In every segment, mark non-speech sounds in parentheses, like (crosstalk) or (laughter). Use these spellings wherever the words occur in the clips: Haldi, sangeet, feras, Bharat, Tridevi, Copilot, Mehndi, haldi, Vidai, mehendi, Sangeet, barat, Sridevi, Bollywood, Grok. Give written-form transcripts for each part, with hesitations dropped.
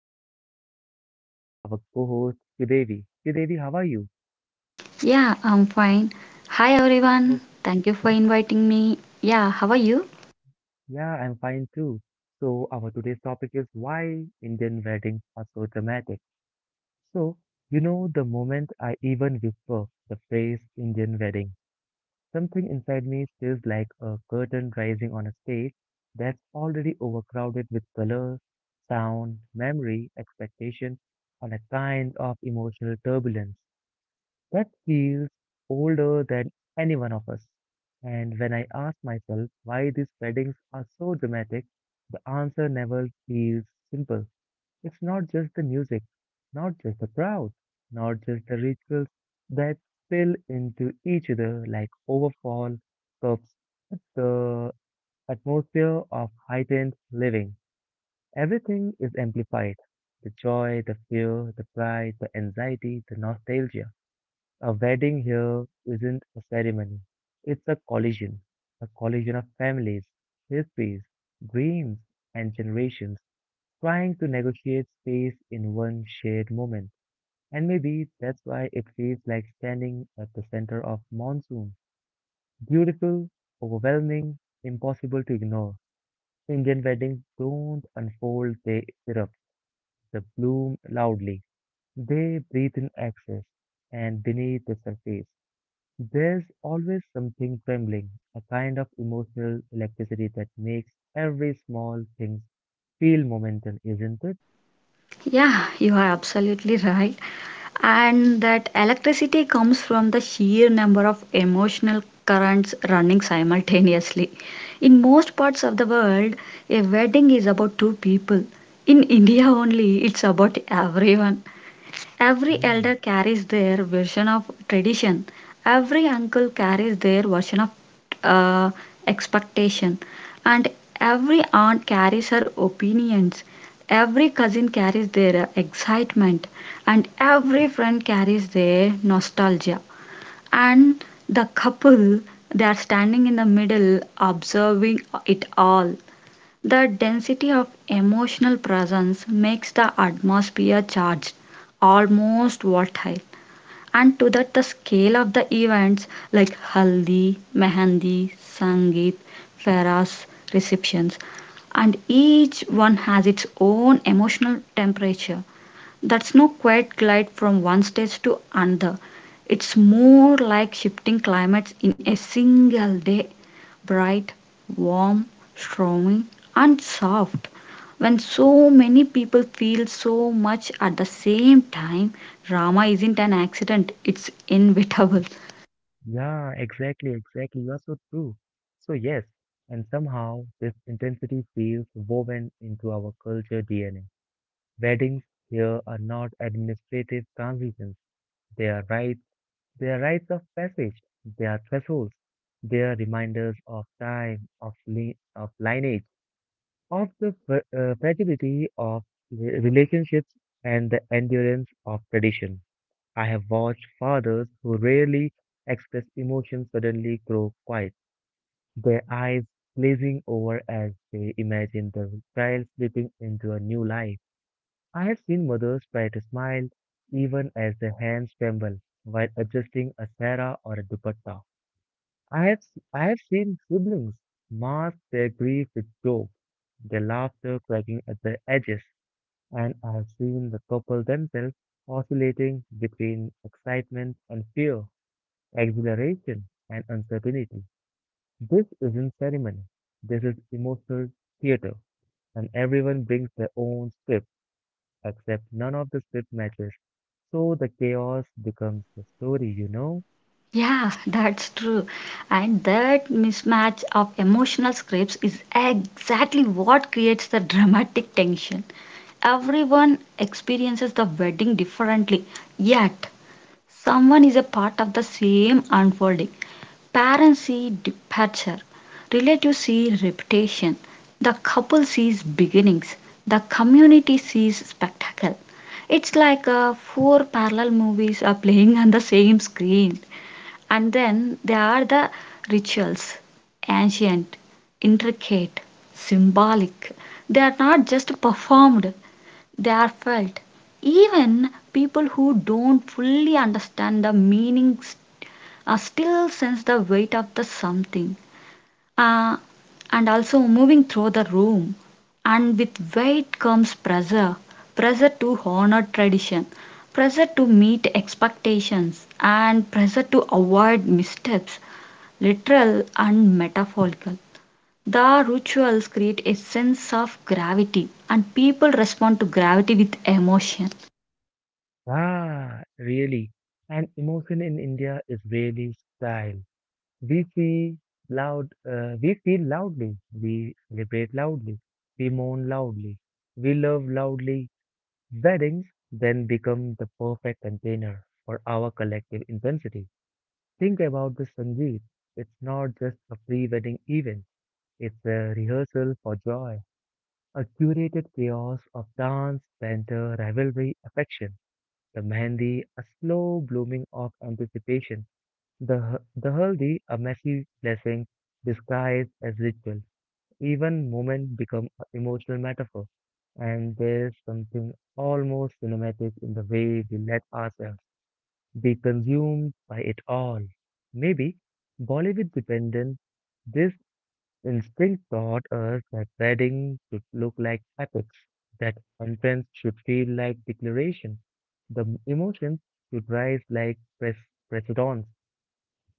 and with me today is our co-host, Tridevi. Tridevi, how are you? Yeah, I'm fine. Hi everyone. Oh, Thank you for inviting me. Yeah, how are you? yeah, I'm fine too. So, our today's topic is why Indian weddings are so dramatic. So, you know, the moment I even whisper the phrase Indian wedding, something inside me feels like a curtain rising on a stage that's already overcrowded with color, sound, memory, expectation, and a kind of emotional turbulence that feels older than any one of us. And when I ask myself why these weddings are so dramatic, the answer never feels simple. It's not just the music, not just the crowd, not just the rituals that spill into each other like overfall cups. It's the atmosphere of heightened living. Everything is amplified. The joy, the fear, the pride, the anxiety, the nostalgia. A wedding here isn't a ceremony. It's a collision. A collision of families, histories, dreams, and generations trying to negotiate space in one shared moment. And maybe that's why it feels like standing at the center of monsoon. Beautiful, overwhelming, impossible to ignore. Indian weddings don't unfold, they erupt, they bloom loudly. They breathe in excess, and beneath the surface, there's always something trembling, a kind of emotional electricity that makes every small thing feel momentum, isn't it? Yeah, you are absolutely right. And that electricity comes from the sheer number of emotional currents running simultaneously. In most parts of the world, a wedding is about two people. In India only, it's about everyone. Every elder Hmm. carries their version of tradition. Every uncle carries their version of uh, expectation. And every aunt carries her opinions. Every cousin carries their excitement. And every friend carries their nostalgia. And the couple, they are standing in the middle, observing it all. The density of emotional presence makes the atmosphere charged, almost volatile, and to that the scale of the events like haldi, mehendi, sangeet, feras, receptions, and each one has its own emotional temperature. That's no quiet glide from one stage to another. It's more like shifting climates in a single day, bright, warm, strong, and soft. When so many people feel so much at the same time, drama isn't an accident, it's inevitable. (laughs) Yeah, exactly, exactly. You are so true. So, yes, and somehow this intensity feels woven into our culture DNA. Weddings here are not administrative transitions. They are rites, they are rites of passage. They are thresholds. They are reminders of time, of lineage, of the fragility of relationships and the endurance of tradition. I have watched fathers who rarely express emotion suddenly grow quiet, their eyes glazing over as they imagine the child slipping into a new life. I have seen mothers try to smile even as their hands tremble while adjusting a sara or a dupatta. I have seen siblings mask their grief with jokes, their laughter cracking at the edges, and I have seen the couple themselves oscillating between excitement and fear, exhilaration, and uncertainty. This isn't ceremony. This is emotional theater, and everyone brings their own script, except none of the script matches. So the chaos becomes the story, you know? Yeah, that's true. And that mismatch of emotional scripts is exactly what creates the dramatic tension. Everyone experiences the wedding differently, yet, someone is a part of the same unfolding. Parents see departure, relatives see reputation, the couple sees beginnings, the community sees spectacle. It's like four parallel movies are playing on the same screen. And then there are the rituals, ancient, intricate, symbolic. They are not just performed, they are felt. Even people who don't fully understand the meanings still sense the weight of the something uh, and also moving through the room, and with weight comes pressure, pressure to honor tradition, pressure to meet expectations, and pressure to avoid missteps, literal and metaphorical. The rituals create a sense of gravity, and people respond to gravity with emotion. Ah, really. And emotion in India is really style. We see we feel loudly, we celebrate loudly, we mourn loudly, we love loudly. Weddings then become the perfect container for our collective intensity. Think about this, Sanjeev. It's not just a pre wedding event, it's a rehearsal for joy, a curated chaos of dance, banter, rivalry, affection. The mehndi, a slow blooming of anticipation. The haldi, a messy blessing disguised as ritual. Even moments become a emotional metaphor, and there's something almost cinematic in the way we let ourselves be consumed by it all. Maybe Bollywood dependent, this instinct taught us that weddings should look like epics, that entrance should feel like declaration, the emotions should rise like precedents.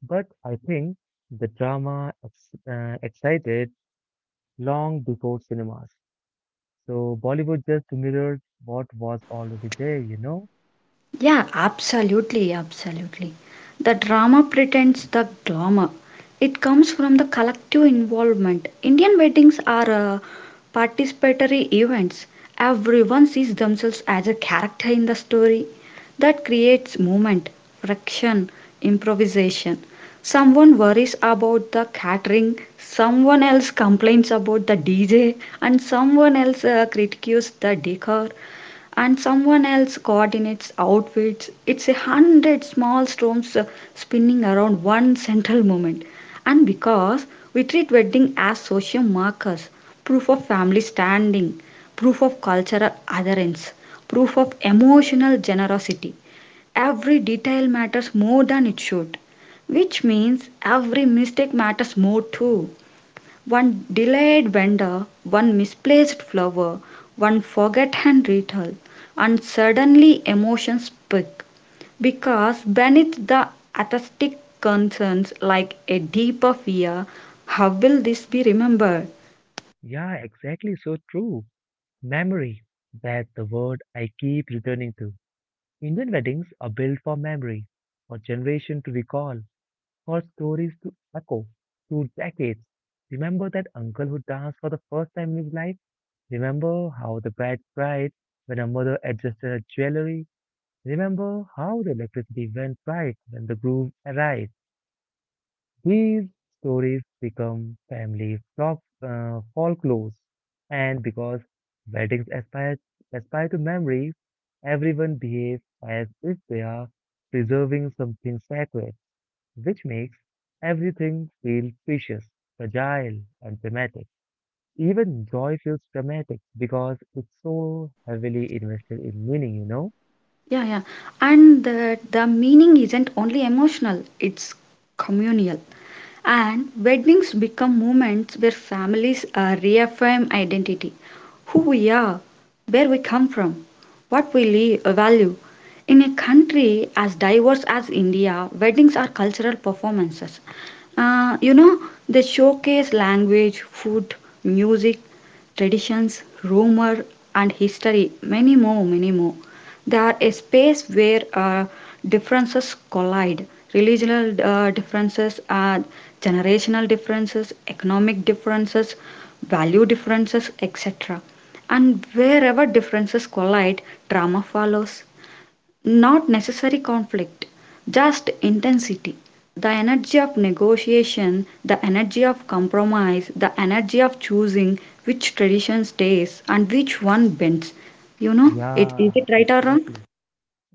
But I think the drama excited long before cinemas. So Bollywood just mirrored what was already there, you know? Yeah, absolutely, absolutely. The drama pretends the glamour. It comes from the collective involvement. Indian weddings are participatory events. Everyone sees themselves as a character in the story. That creates movement, friction, improvisation. Someone worries about the catering, someone else complains about the DJ, and someone else critiques the decor, and someone else coordinates outfits. It's a hundred small storms spinning around one central moment. And because we treat wedding as social markers, proof of family standing, proof of cultural adherence, proof of emotional generosity, every detail matters more than it should. Which means every mistake matters more too. One delayed vendor, one misplaced flower, one forgotten ritual, and suddenly emotions peak because beneath the aesthetic concerns like a deeper fear, how will this be remembered? Yeah, exactly. So true. Memory. That's the word I keep returning to. Indian weddings are built for memory, for generation to recall, for stories to echo through decades. Remember that uncle who danced for the first time in his life? Remember how the bride cried when her mother adjusted her jewelry? Remember how the electricity went bright when the groom arrived? These stories become folklores, and because weddings aspire, aspire to memory, everyone behaves as if they are preserving something sacred, which makes everything feel precious, fragile, and dramatic. Even joy feels dramatic because it's so heavily invested in meaning, you know? Yeah, yeah. And the meaning isn't only emotional, it's communal. And weddings become moments where families reaffirm identity, who we are, where we come from, what we value. In a country as diverse as India, weddings are cultural performances. You know, they showcase language, food, music, traditions, rumor, and history, many more, many more. They are a space where differences collide. Regional differences, generational differences, economic differences, value differences, etc. And wherever differences collide, drama follows. Not necessary conflict, just intensity. The energy of negotiation, the energy of compromise, the energy of choosing which tradition stays and which one bends. You know, it, is Yeah, it right or wrong? exactly.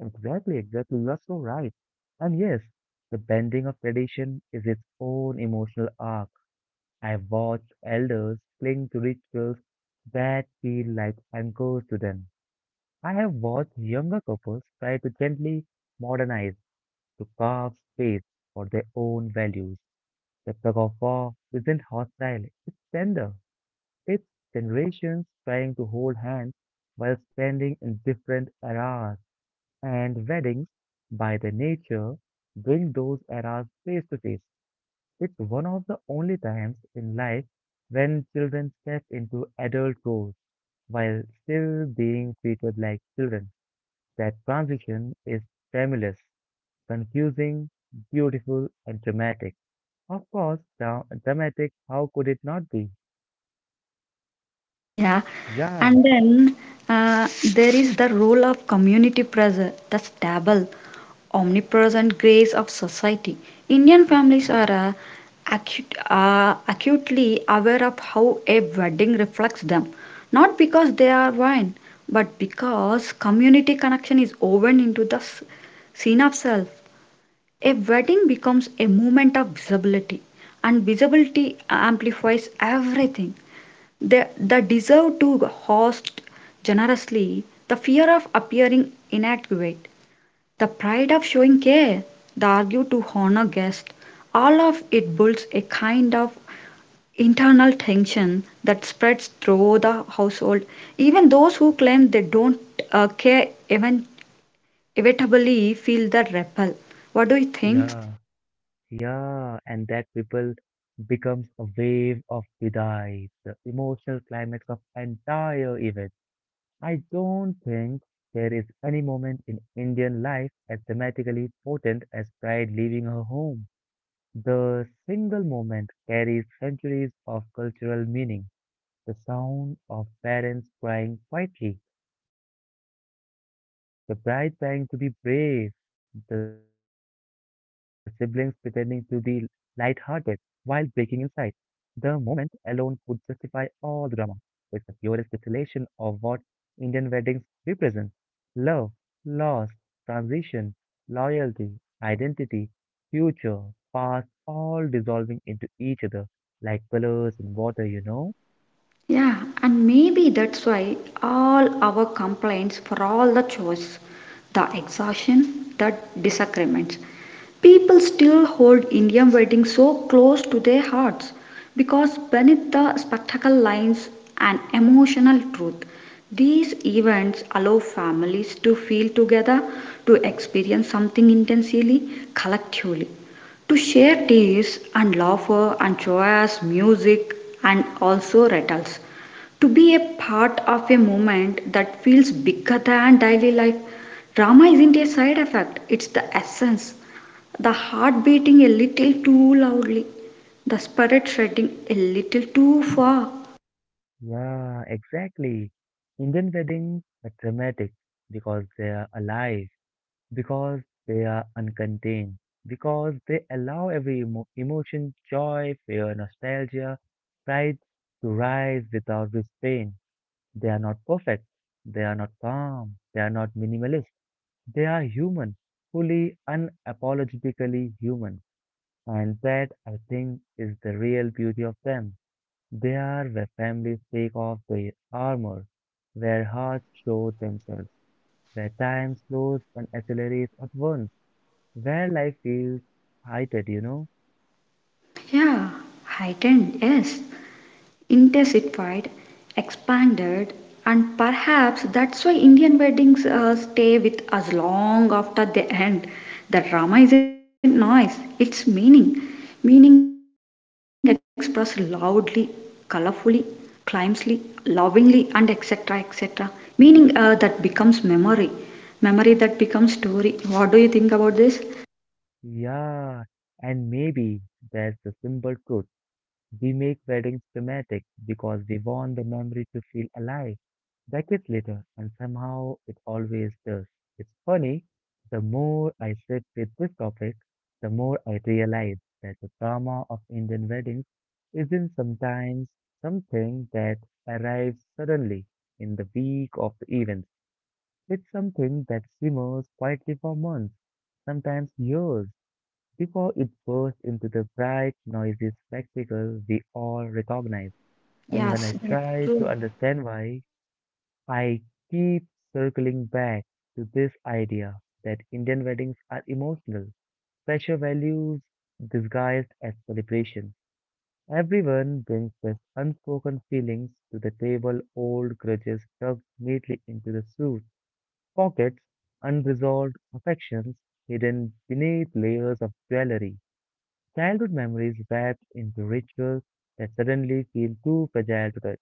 Exactly, exactly. You are so right. And yes, the bending of tradition is its own emotional arc. I've watched elders cling to rituals that feel like anchors to them. I have watched younger couples try to gently modernize, to carve space for their own values. The tug of war isn't hostile, it's tender. It's generations trying to hold hands while standing in different eras. And weddings, by their nature, bring those eras face to face. It's one of the only times in life when children step into adult roles while still being treated like children. That transition is timeless, confusing, beautiful, and dramatic. Of course, dramatic, how could it not be? (laughs) Yeah, Yeah, and then uh, there is the role of community pressure, the stable, omnipresent grace of society. Indian families are acutely aware of how a wedding reflects them, not because they are one, but because community connection is woven into the scene of self. A wedding becomes a moment of visibility, and visibility amplifies everything. They deserve to host generously the fear of appearing inadequate, the pride of showing care, the argue to honor guests. All of it builds a kind of internal tension that spreads through the household. Even those who claim they don't care even inevitably feel the repel. What do you think? yeah. Yeah, and that people becomes a wave of Vidai, the emotional climax of entire event. I don't think there is any moment in Indian life as dramatically potent as bride leaving her home. The single moment carries centuries of cultural meaning. The sound of parents crying quietly, the bride trying to be brave, the siblings pretending to be light-hearted while breaking inside, the moment alone could justify all the drama. It's the purest distillation of what Indian weddings represent: love, loss, transition, loyalty, identity, future, past, all dissolving into each other like colors in water, you know? Yeah, and maybe that's why all our complaints for all the chores, the exhaustion, the disagreements. People still hold Indian weddings so close to their hearts because beneath the spectacle lines an emotional truth. These events allow families to feel together, to experience something intensely, collectively, to share teas and laughter and joyous music and also rattles. To be a part of a movement that feels bigger than daily life. Drama isn't a side effect, it's the essence. The heart beating a little too loudly, the spirit shredding a little too far. Yeah, exactly. Indian weddings are dramatic because they are alive, because they are uncontained, because they allow every emotion, joy, fear, nostalgia, pride to rise without restraint. They are not perfect, they are not calm, they are not minimalist, they are human, fully unapologetically human. And that, I think, is the real beauty of them. They are where families take off their armor, where hearts show themselves, where time slows and accelerates at once, where life feels heightened, you know? Yeah, heightened, yes. Intensified, expanded, and perhaps that's why Indian weddings stay with us long after they end. The drama isn't noise, it's meaning. Meaning expressed loudly, colorfully, climbsly, lovingly, and etc. etc. Meaning that becomes memory. Memory that becomes story. What do you think about this? Yeah, and maybe that's the simple truth. We make weddings dramatic because we want the memory to feel alive decades later, and somehow it always does. It's funny, the more I sit with this topic, the more I realize that the drama of Indian weddings isn't sometimes something that arrives suddenly in the week of the event. It's something that simmers quietly for months, sometimes years, before it bursts into the bright, noisy spectacle we all recognize. And when Yes, I that's try true. to understand why, I keep circling back to this idea that Indian weddings are emotional, pressure values disguised as celebration. Everyone brings their unspoken feelings to the table, old grudges tucked neatly into the suit pockets, unresolved affections hidden beneath layers of jewelry, childhood memories wrapped into rituals that suddenly feel too fragile to touch.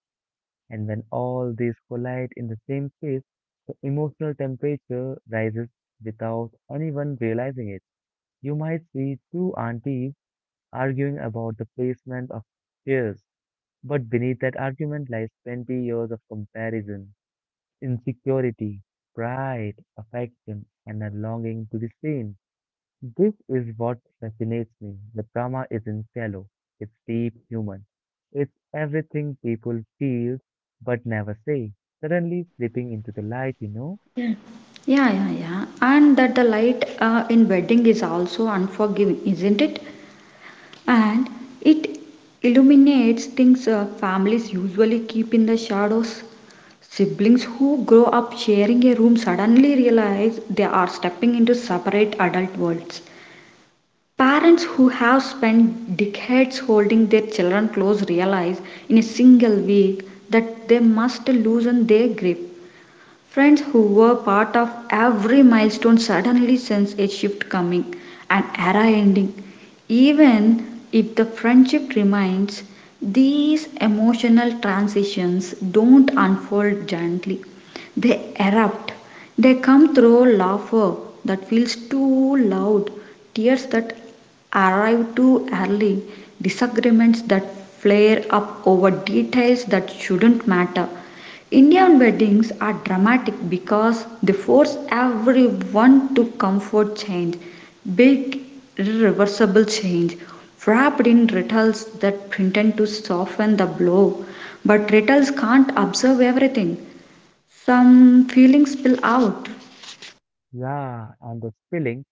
And when all these collide in the same space, the emotional temperature rises without anyone realizing it. You might see two aunties arguing about the placement of chairs, but beneath that argument lies 20 years of comparison, insecurity, pride, affection, and a longing to be seen. This is what fascinates me. The drama isn't shallow, it's deep human. It's everything people feel but never say, suddenly slipping into the light, you know? Yeah, yeah, yeah. And that the light in wedding is also unforgiving, isn't it? And it illuminates things families usually keep in the shadows. Siblings who grow up sharing a room suddenly realize they are stepping into separate adult worlds. Parents who have spent decades holding their children close realize in a single week that they must loosen their grip. Friends who were part of every milestone suddenly sense a shift coming, an era ending. Even if the friendship remains, these emotional transitions don't unfold gently. They erupt. They come through laughter that feels too loud, tears that arrive too early, disagreements that flare up over details that shouldn't matter. Indian weddings are dramatic because they force everyone to comfort change, big, irreversible change, wrapped in rituals that pretend to soften the blow. But rituals can't absorb everything. Some feelings spill out. Yeah, and the spilling,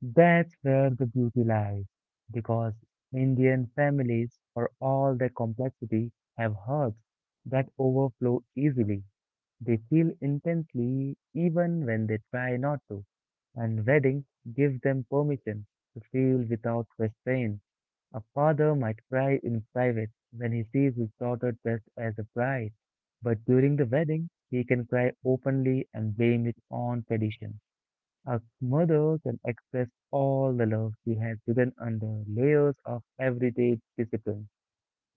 that's where the beauty lies. Because Indian families, for all their complexity, have hearts that overflow easily. They feel intensely even when they try not to, and weddings give them permission to feel without restraint. A father might cry in private when he sees his daughter dressed as a bride, but during the wedding, he can cry openly and blame it on tradition. A mother can express all the love she has hidden under layers of everyday discipline.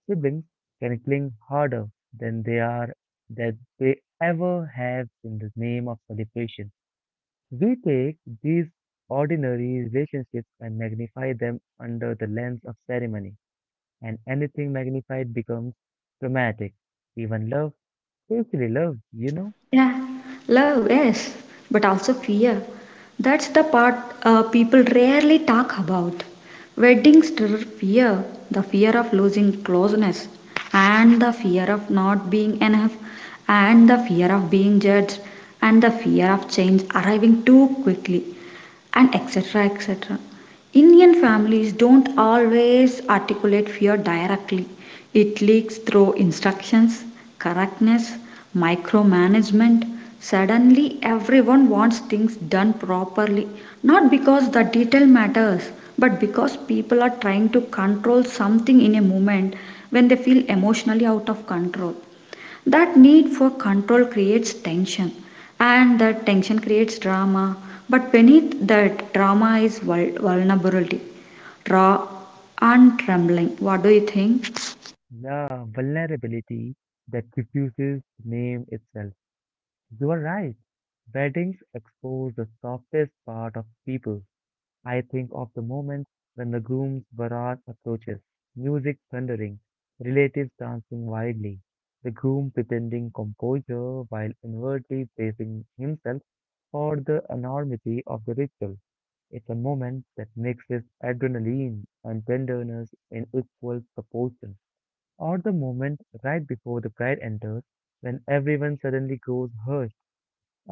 Siblings can cling harder than they are that they ever have in the name of celebration. We take these ordinary relationships and magnify them under the lens of ceremony, and anything magnified becomes dramatic. Even love, especially love, you know, Yeah, love, yes, but also fear. That's the part people rarely talk about. Weddings stir fear, the fear of losing closeness, and the fear of not being enough, and the fear of being judged, and the fear of change arriving too quickly, and etc. etc. Indian families don't always articulate fear directly. It leaks through instructions, correctness, micromanagement. Suddenly, everyone wants things done properly, not because the detail matters, but because people are trying to control something in a moment when they feel emotionally out of control. That need for control creates tension, and that tension creates drama. But beneath that drama is vulnerability, raw and trembling. What do you think? the vulnerability that diffuses name itself. You are right. Weddings expose the softest part of people. I think of the moment when the groom's barat approaches, music thundering, relatives dancing wildly, the groom pretending composure while inwardly bracing himself for the enormity of the ritual. It's a moment that mixes adrenaline and tenderness in equal proportion. Or the moment right before the bride enters, when everyone suddenly grows hush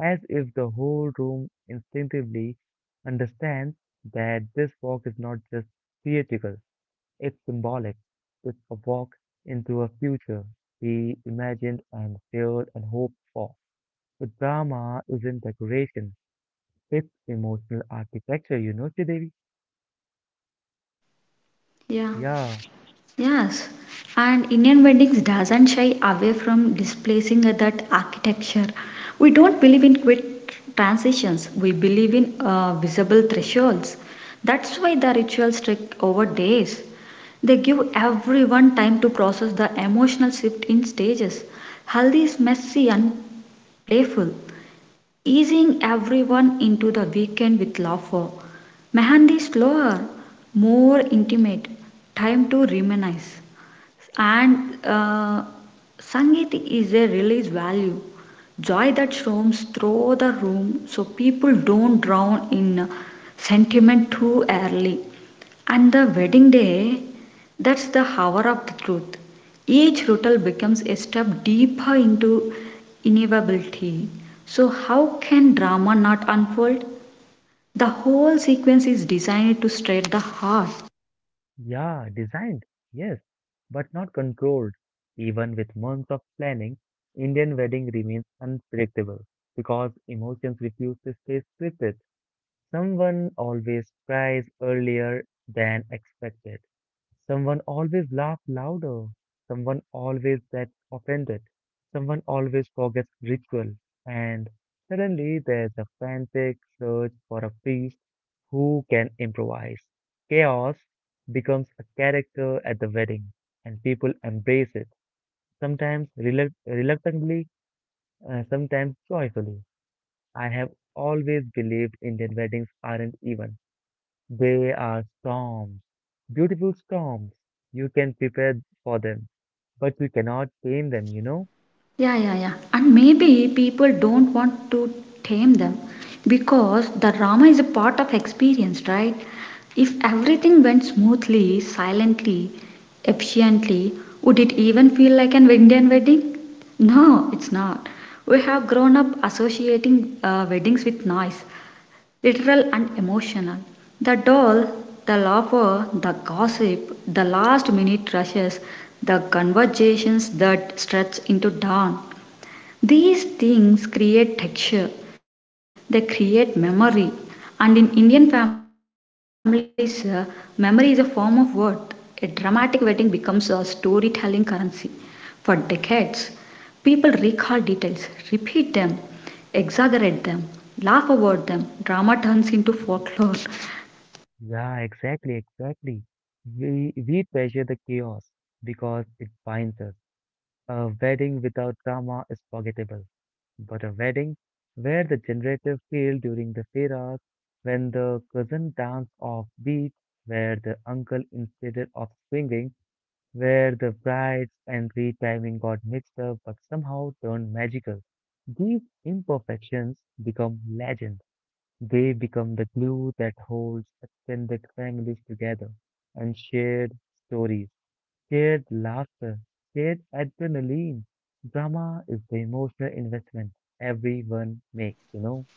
as if the whole room instinctively understands that this walk is not just theatrical, it's symbolic. It's a walk into a future we imagined and feared and hoped for. The drama isn't decoration, it's emotional architecture, you know, Devi. Yeah. Yeah, Yes, and Indian weddings doesn't shy away from displacing that architecture. We don't believe in quick transitions. We believe in visible thresholds. That's why the rituals take over days. They give everyone time to process the emotional shift in stages. Haldi is messy and playful, easing everyone into the weekend with laughter. Mehandi is slower, more intimate, time to reminisce. And Sangeet is a release value, joy that storms through the room so people don't drown in sentiment too early. And the wedding day, that's the hour of the truth. Each ritual becomes a step deeper into inevitability. So, how can drama not unfold? The whole sequence is designed to stir the heart. yeah, designed, yes, but not controlled. Even with months of planning, Indian wedding remains unpredictable because emotions refuse to stay scripted. Someone always cries earlier than expected. Someone always laughs louder. Someone always gets offended. Someone always forgets ritual. And suddenly there's a frantic search for a priest who can improvise. Chaos becomes a character at the wedding, and people embrace it, sometimes reluctantly, sometimes joyfully. I have always believed Indian weddings aren't even. They are storms, beautiful storms. You can prepare for them, but you cannot tame them, you know? Yeah, yeah, yeah. And maybe people don't want to tame them because the drama is a part of experience, right? If everything went smoothly, silently, efficiently, would it even feel like an Indian wedding? No, it's not. We have grown up associating weddings with noise, literal and emotional. The doll, the laughter, the gossip, the last minute rushes, the conversations that stretch into dawn. These things create texture, they create memory. And in Indian families, memory is a form of worth. A dramatic wedding becomes a storytelling currency. For decades, people recall details, repeat them, exaggerate them, laugh about them. Drama turns into folklore. Yeah, exactly, exactly. We treasure the chaos because it binds us. A wedding without drama is forgettable, but a wedding where the generator failed during the feras, when the cousin danced off beat, where the uncle instead of swinging where the brides and retiming got mixed up but somehow turned magical. These imperfections become legends. They become the glue that holds extended families together and shared stories, shared laughter, shared adrenaline. Drama is the emotional investment everyone makes, you know?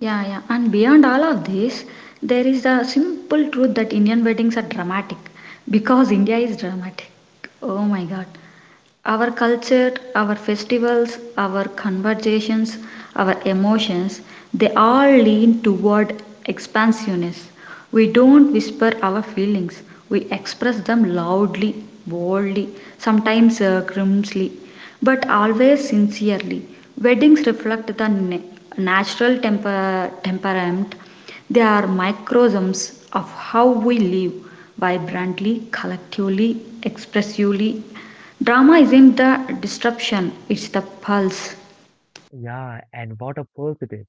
Yeah, yeah. And beyond all of this, there is the simple truth that Indian weddings are dramatic because India is dramatic. Oh my god. Our culture, our festivals, our conversations, our emotions, they all lean toward expansiveness. We don't whisper our feelings, we express them loudly, boldly, sometimes grimly, but always sincerely. Weddings reflect the natural temperament, they are microcosms of how we live vibrantly, collectively, expressively. Drama isn't the disruption, it's the pulse. Yeah, and what a positive.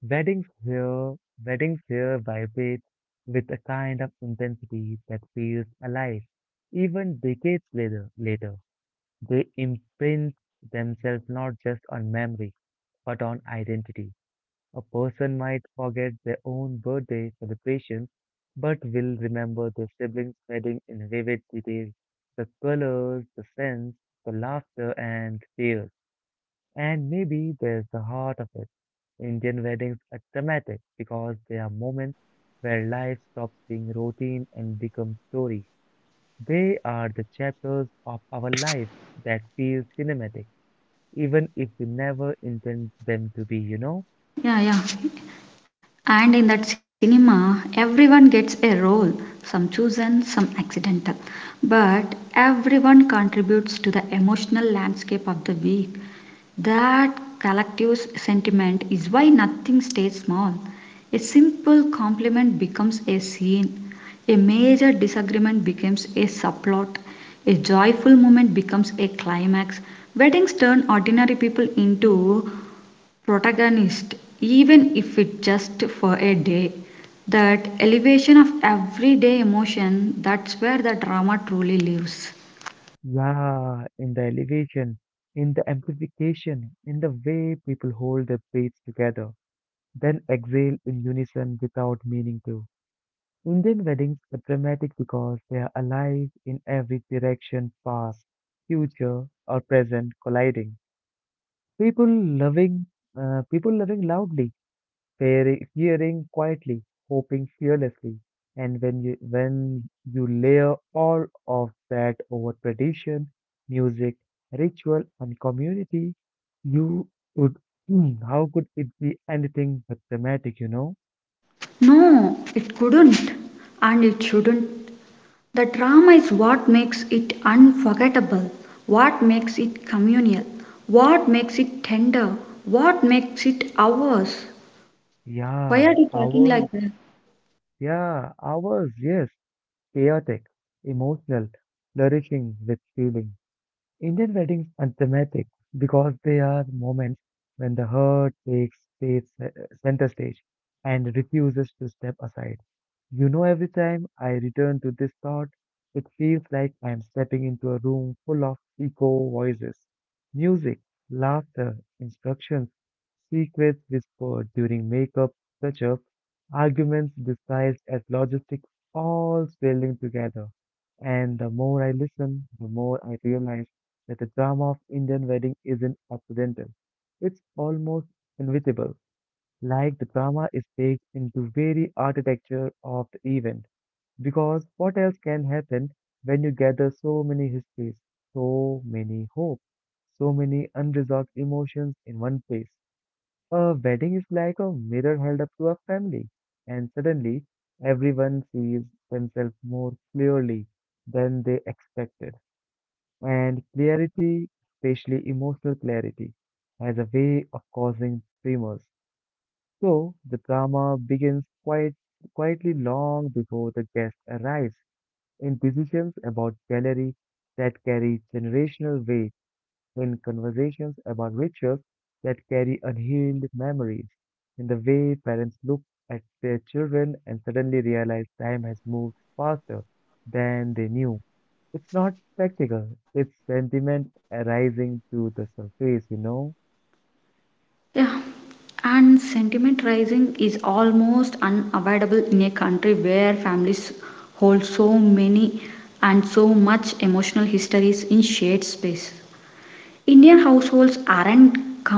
Weddings here, weddings here vibrate with a kind of intensity that feels alive. Even decades later, later, they imprint themselves not just on memory, but on identity. A person might forget their own birthday celebrations, but will remember their siblings' wedding in vivid detail. The colors, the scents, the laughter and tears, and maybe there's the heart of it. Indian weddings are dramatic because they are moments where life stops being routine and becomes story. They are the chapters of our lives that feel cinematic, even if we never intend them to be, you know? Yeah, yeah. And in that cinema, everyone gets a role, some chosen, some accidental. But everyone contributes to the emotional landscape of the week. That collective sentiment is why nothing stays small. A simple compliment becomes a scene, a major disagreement becomes a subplot, a joyful moment becomes a climax. Weddings turn ordinary people into protagonists, even if it's just for a day. That elevation of everyday emotion, that's where the drama truly lives. Yeah, in the elevation, in the amplification, in the way people hold their breaths together, then exhale in unison without meaning to. Indian weddings are dramatic because they are alive in every direction, past, future, or present colliding. People loving, people loving loudly, fearing, fearing quietly, hoping fearlessly. And when you layer all of that over tradition, music, ritual, and community, you would (clears throat) Hmm, how could it be anything but dramatic? You know? No, it couldn't, and it shouldn't. The drama is what makes it unforgettable, what makes it communal, what makes it tender, what makes it ours. Why are Yeah, you talking ours. like that? Yeah, ours. Yes. Chaotic, emotional, flourishing with feeling. Indian weddings are dramatic because they are moments when the heart takes stage, center stage and refuses to step aside. You know, every time I return to this thought, it feels like I'm stepping into a room full of echo voices, music, laughter, instructions, secrets whispered during makeup, touch-ups, arguments disguised as logistics, all swirling together. And the more I listen, the more I realize that the drama of Indian wedding isn't accidental. It's almost inevitable, like the drama is baked into very architecture of the event. Because what else can happen when you gather so many histories, so many hopes, so many unresolved emotions in one place? A wedding is like a mirror held up to a family, and suddenly everyone sees themselves more clearly than they expected. And clarity, especially emotional clarity, has a way of causing tremors, so the drama begins quite quietly long before the guest arrives, in decisions about gallery that carry generational weight, in conversations about rituals that carry unhealed memories, in the way parents look at their children and suddenly realize time has moved faster than they knew. It's not spectacle, it's sentiment arising to the surface, you know? Yeah. And sentiment rising is almost unavoidable in a country where families hold so many and so much emotional histories in shared space. Indian households aren't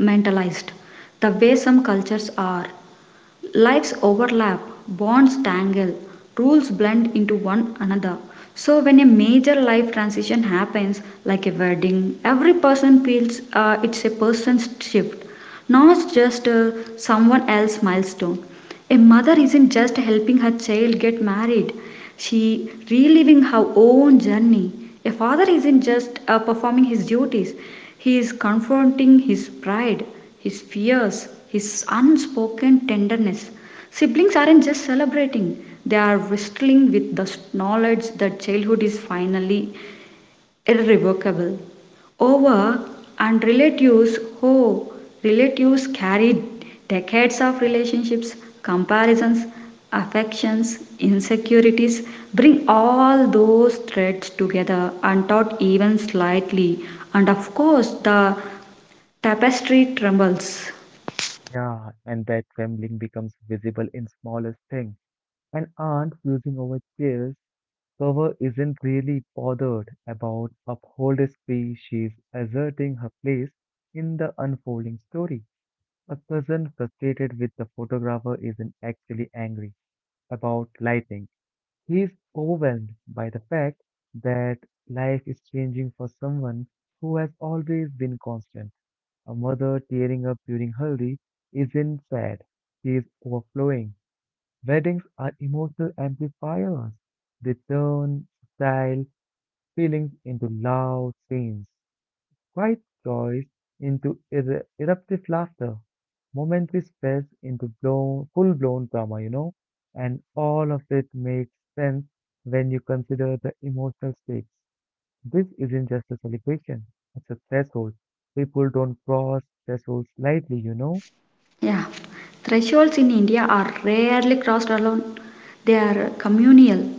compartmentalized the way some cultures are. Lives overlap, bonds tangle, rules blend into one another. So, when a major life transition happens, like a wedding, every person feels it's a person's shift, not just someone else's milestone. A mother isn't just helping her child get married, she reliving her own journey. A father isn't just performing his duties, he is confronting his pride, his fears, his unspoken tenderness. Siblings aren't just celebrating, they are wrestling with the knowledge that childhood is finally irrevocable. Over and relatives, oh, relatives carry decades of relationships, comparisons, affections, insecurities. Bring all those threads together and not even slightly, and of course, the tapestry trembles. Yeah, and that trembling becomes visible in smallest things and aren't using over chairs. Cover isn't really bothered about uphold spree. She's asserting her place in the unfolding story. A cousin frustrated with the photographer isn't actually angry about lighting. He's overwhelmed by the fact that life is changing for someone who has always been constant. A mother tearing up during Haldi isn't sad. She is overflowing. Weddings are emotional amplifiers. They turn style feelings into loud scenes, quiet joys into eruptive laughter, momentary stress into full-blown drama, you know, and all of it makes sense when you consider the emotional stakes. This isn't just a celebration, it's a threshold. People don't cross thresholds lightly, you know. Yeah, thresholds in India are rarely crossed alone. They are communal,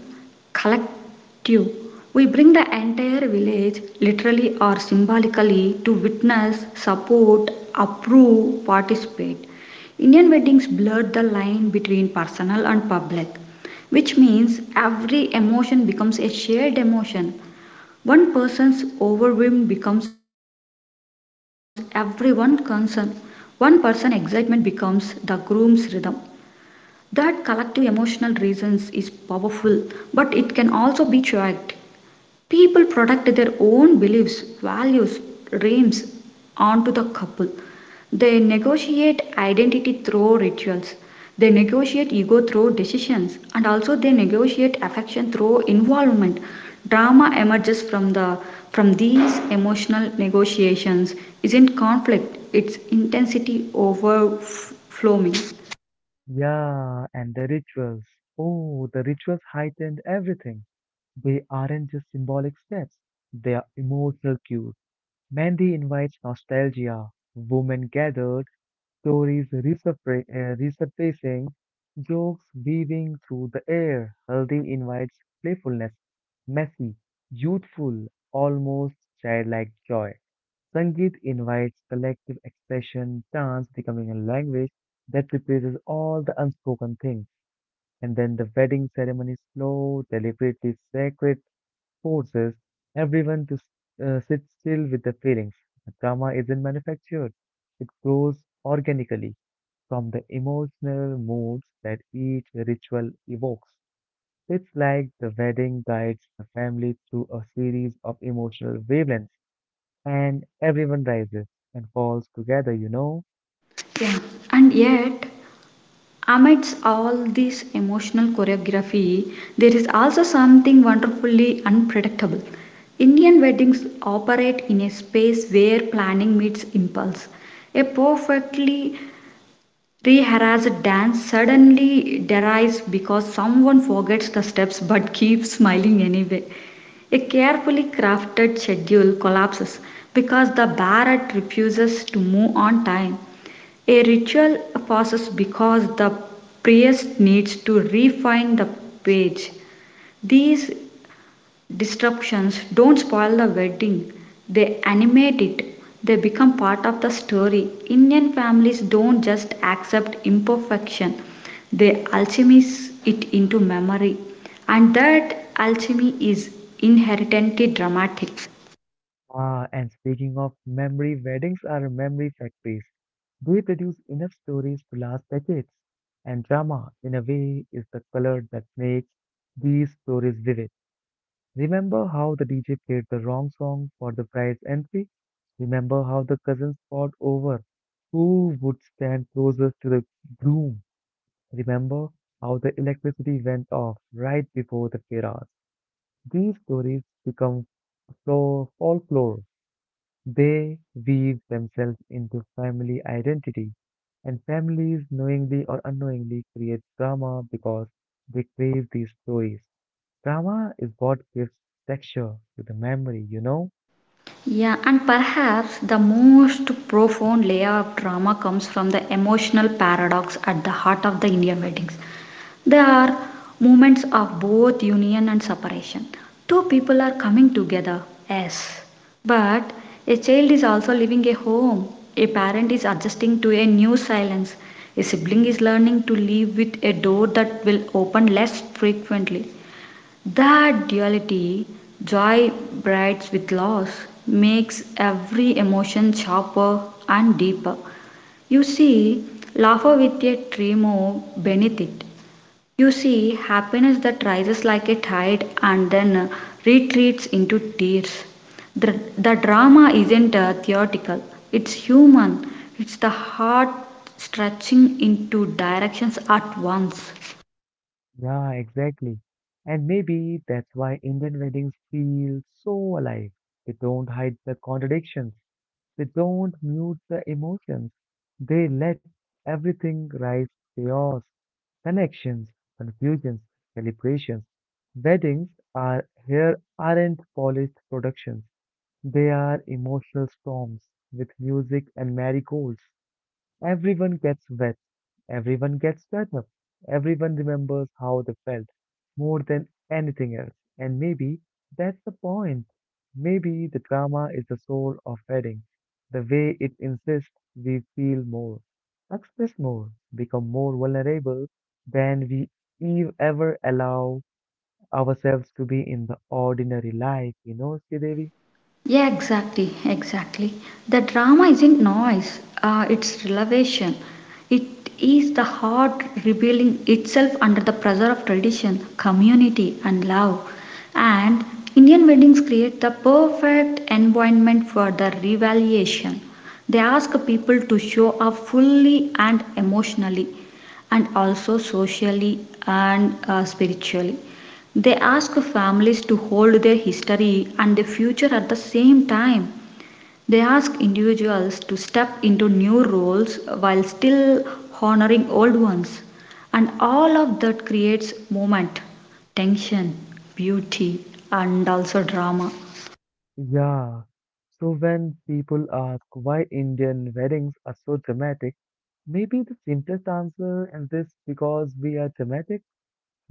collective. We bring the entire village, literally or symbolically, to witness, support, approve, participate. Indian weddings blurred the line between personal and public, which means every emotion becomes a shared emotion. One person's overwhelm becomes everyone's concern. One person's excitement becomes the groom's rhythm. That collective emotional resonance is powerful, but it can also be checked. People protect their own beliefs, values, dreams onto the couple. They negotiate identity through rituals. They negotiate ego through decisions and also they negotiate affection through involvement. Drama emerges from the from these emotional negotiations isn't conflict, it's intensity overflowing. Yeah, and the rituals. Oh, the rituals heightened everything. They aren't just symbolic steps, they are emotional cues. Mandy invites nostalgia, women gathered, stories resurfacing, jokes weaving through the air. Haldi invites playfulness, messy, youthful, almost childlike joy. Sangeet invites collective expression, dance becoming a language that replaces all the unspoken things. And then the wedding ceremony is slow, deliberately sacred, forces everyone to sit still with their feelings. Drama isn't manufactured, it grows organically from the emotional moods that each ritual evokes. It's like the wedding guides the family through a series of emotional wavelengths, and everyone rises and falls together, you know. Yeah. And yet amidst all this emotional choreography, there is also something wonderfully unpredictable. Indian weddings operate in a space where planning meets impulse. A perfectly rehearsed dance suddenly derives because someone forgets the steps but (laughs) keeps smiling anyway. A carefully crafted schedule collapses because the Bharat refuses to move on time. A ritual passes because the priest needs to refine the page. These disruptions don't spoil the wedding, they animate it. They become part of the story. Indian families don't just accept imperfection, they alchemize it into memory. And that alchemy is inherently dramatic. Ah, and speaking of memory, weddings are memory factories. They produce enough stories to last decades, and drama, in a way, is the color that makes these stories vivid. Remember how the DJ played the wrong song for the prize entry? Remember how the cousins fought over who would stand closest to the groom? Remember how the electricity went off right before the firas? These stories become folklore. They weave themselves into family identity, and families knowingly or unknowingly create drama because they crave these stories. Drama is what gives texture to the memory, you know? Yeah, and perhaps the most profound layer of drama comes from the emotional paradox at the heart of the Indian weddings. There are moments of both union and separation. Two people are coming together, yes, but a child is also leaving a home, a parent is adjusting to a new silence, a sibling is learning to live with a door that will open less frequently. That duality, joy brights with loss, makes every emotion sharper and deeper. You see, laughter with a tremor beneath it. You see, happiness that rises like a tide and then retreats into tears. The drama isn't theoretical, it's human. It's the heart stretching into directions at once. Yeah, exactly. And maybe that's why Indian weddings feel so alive. They don't hide the contradictions, they don't mute the emotions, they let everything rise to chaos. Connections, confusions, celebrations, weddings are here aren't polished productions. They are emotional storms with music and marigolds. Everyone gets wet, everyone gets better, everyone remembers how they felt more than anything else. And maybe that's the point. Maybe the drama is the soul of wedding, the way it insists we feel more, express more, become more vulnerable than we ever allow ourselves to be in the ordinary life, you know, Sridevi? Yeah, exactly, exactly. The drama isn't noise, it's revelation. It is the heart revealing itself under the pressure of tradition, community, and love. And Indian weddings create the perfect environment for the revaluation. They ask people to show up fully and emotionally, and also socially and spiritually. They ask families to hold their history and their future at the same time. They ask individuals to step into new roles while still honoring old ones. And all of that creates movement, tension, beauty, and also drama. Yeah. So when people ask why Indian weddings are so dramatic, maybe the simplest answer in this because we are dramatic,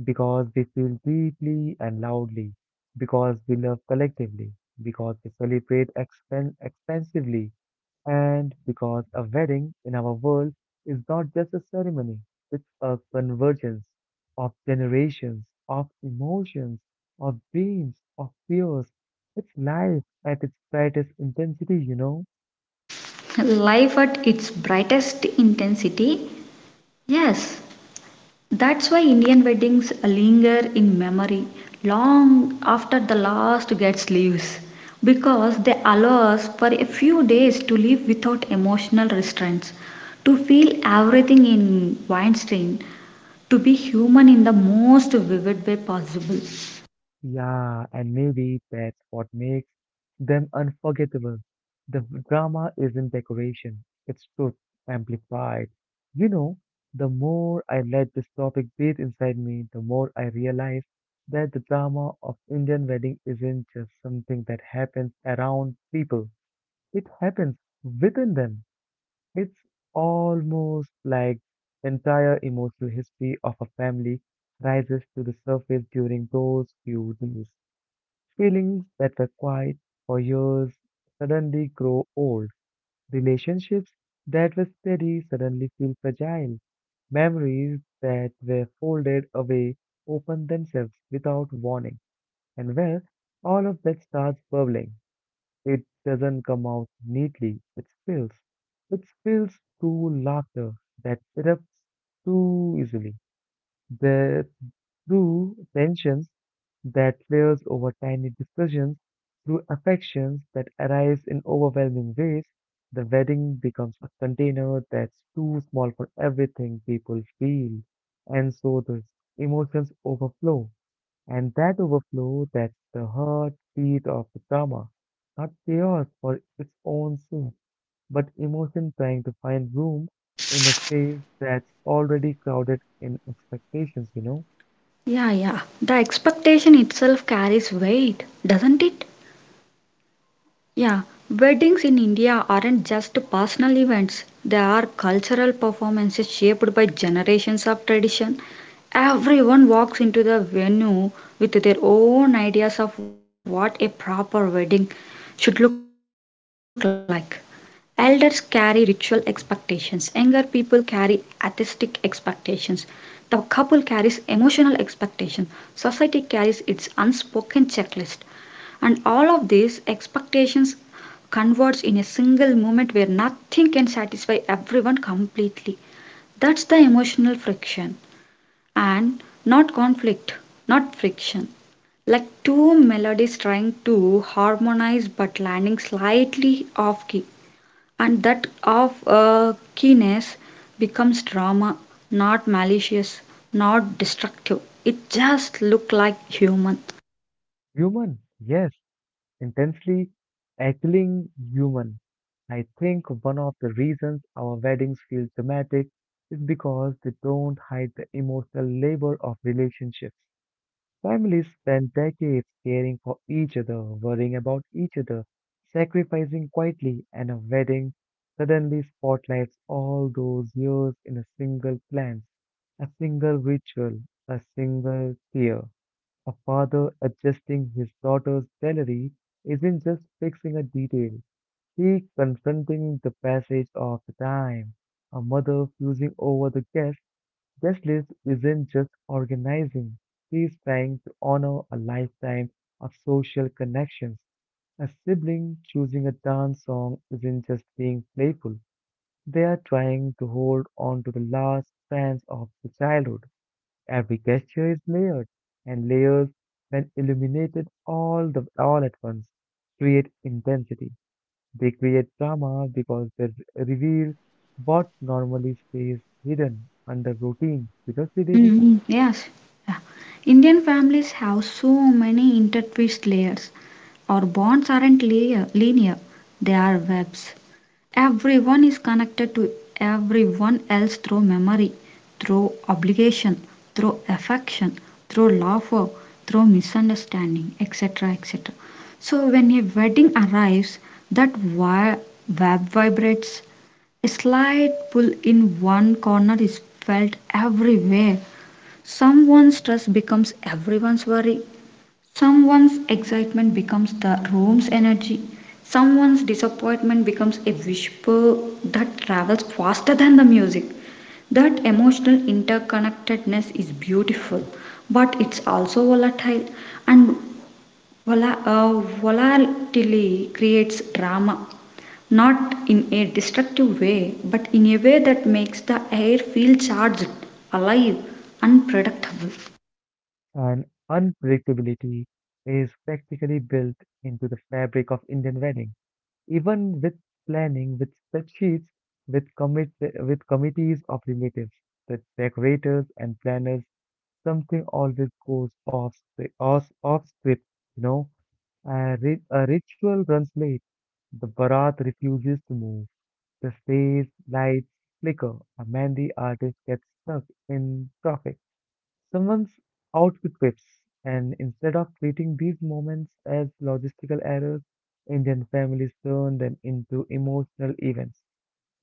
because we feel deeply and loudly, because we love collectively, because we celebrate expensively, and because a wedding in our world is not just a ceremony, it's a convergence of generations, of emotions, of dreams, of fears. It's life at its brightest intensity, you know. (laughs) Life at its brightest intensity. Yes, that's why Indian weddings linger in memory long after the last guest leaves because they allow us for a few days to live without emotional restraints, to feel everything in Weinstein, to be human in the most vivid way possible. Yeah, and maybe that's what makes them unforgettable. The drama isn't decoration, it's truth amplified. You know, the more I let this topic breathe inside me, the more I realize that the drama of Indian wedding isn't just something that happens around people. It happens within them. It's almost like entire emotional history of a family rises to the surface during those few days. Feelings that were quiet for years suddenly grow old. Relationships that were steady suddenly feel fragile. Memories that were folded away open themselves without warning. And well, all of that starts bubbling. It doesn't come out neatly, it spills. It spills through laughter that erupts too easily. The through tensions that layers over tiny discussions, through affections that arise in overwhelming ways, the wedding becomes a container that's too small for everything people feel. And so the emotions overflow. And that overflow, that's the heartbeat of the drama. Not chaos for its own sake, but emotion trying to find room in a space that's already crowded in expectations, you know? Yeah, yeah, the expectation itself carries weight, doesn't it? Yeah, weddings in India aren't just personal events, they are cultural performances shaped by generations of tradition. Everyone walks into the venue with their own ideas of what a proper wedding should look like. Elders carry ritual expectations, younger people carry artistic expectations, the couple carries emotional expectations, society carries its unspoken checklist. And all of these expectations converge in a single moment where nothing can satisfy everyone completely. That's the emotional friction and not conflict, not friction. Like two melodies trying to harmonize but landing slightly off key and that of keenness becomes drama, not malicious, not destructive. It just look like human. Human, yes, intensely aching human. I think one of the reasons our weddings feel dramatic is because they don't hide the emotional labor of relationships. Families spend decades caring for each other, worrying about each other, sacrificing quietly, and a wedding suddenly spotlights all those years in a single glance, a single ritual, a single tear. A father adjusting his daughter's salary isn't just fixing a detail, he's confronting the passage of the time. A mother fusing over the guest list isn't just organizing, she's trying to honor a lifetime of social connections. A sibling choosing a dance song isn't just being playful. They are trying to hold on to the last strands of the childhood. Every gesture is layered, and layers, when illuminated all at once, create intensity. They create drama because they reveal what normally stays hidden under routine. Seriously, Devi, Mhm, yes. Yeah. Indian families have so many intertwined layers. Our bonds aren't layer, linear, they are webs. Everyone is connected to everyone else through memory, through obligation, through affection, through laughter, through misunderstanding, etc. etc. So, when a wedding arrives, that wire web vibrates. A slight pull in one corner is felt everywhere. Someone's stress becomes everyone's worry. Someone's excitement becomes the room's energy. Someone's disappointment becomes a whisper that travels faster than the music. That emotional interconnectedness is beautiful, but it's also volatile and vola- uh, volatility creates drama. Not in a destructive way, but in a way that makes the air feel charged, alive, unpredictable. and unpredictability is practically built into the fabric of Indian wedding. Even with planning, with spreadsheets, with commit with committees of relatives, the decorators and planners something always goes off, off script, you know. A ritual runs late. The barat refuses to move. The stage lights flicker. A Mandi artist gets stuck in traffic. Someone's outfit whips. And instead of treating these moments as logistical errors, Indian families turn them into emotional events.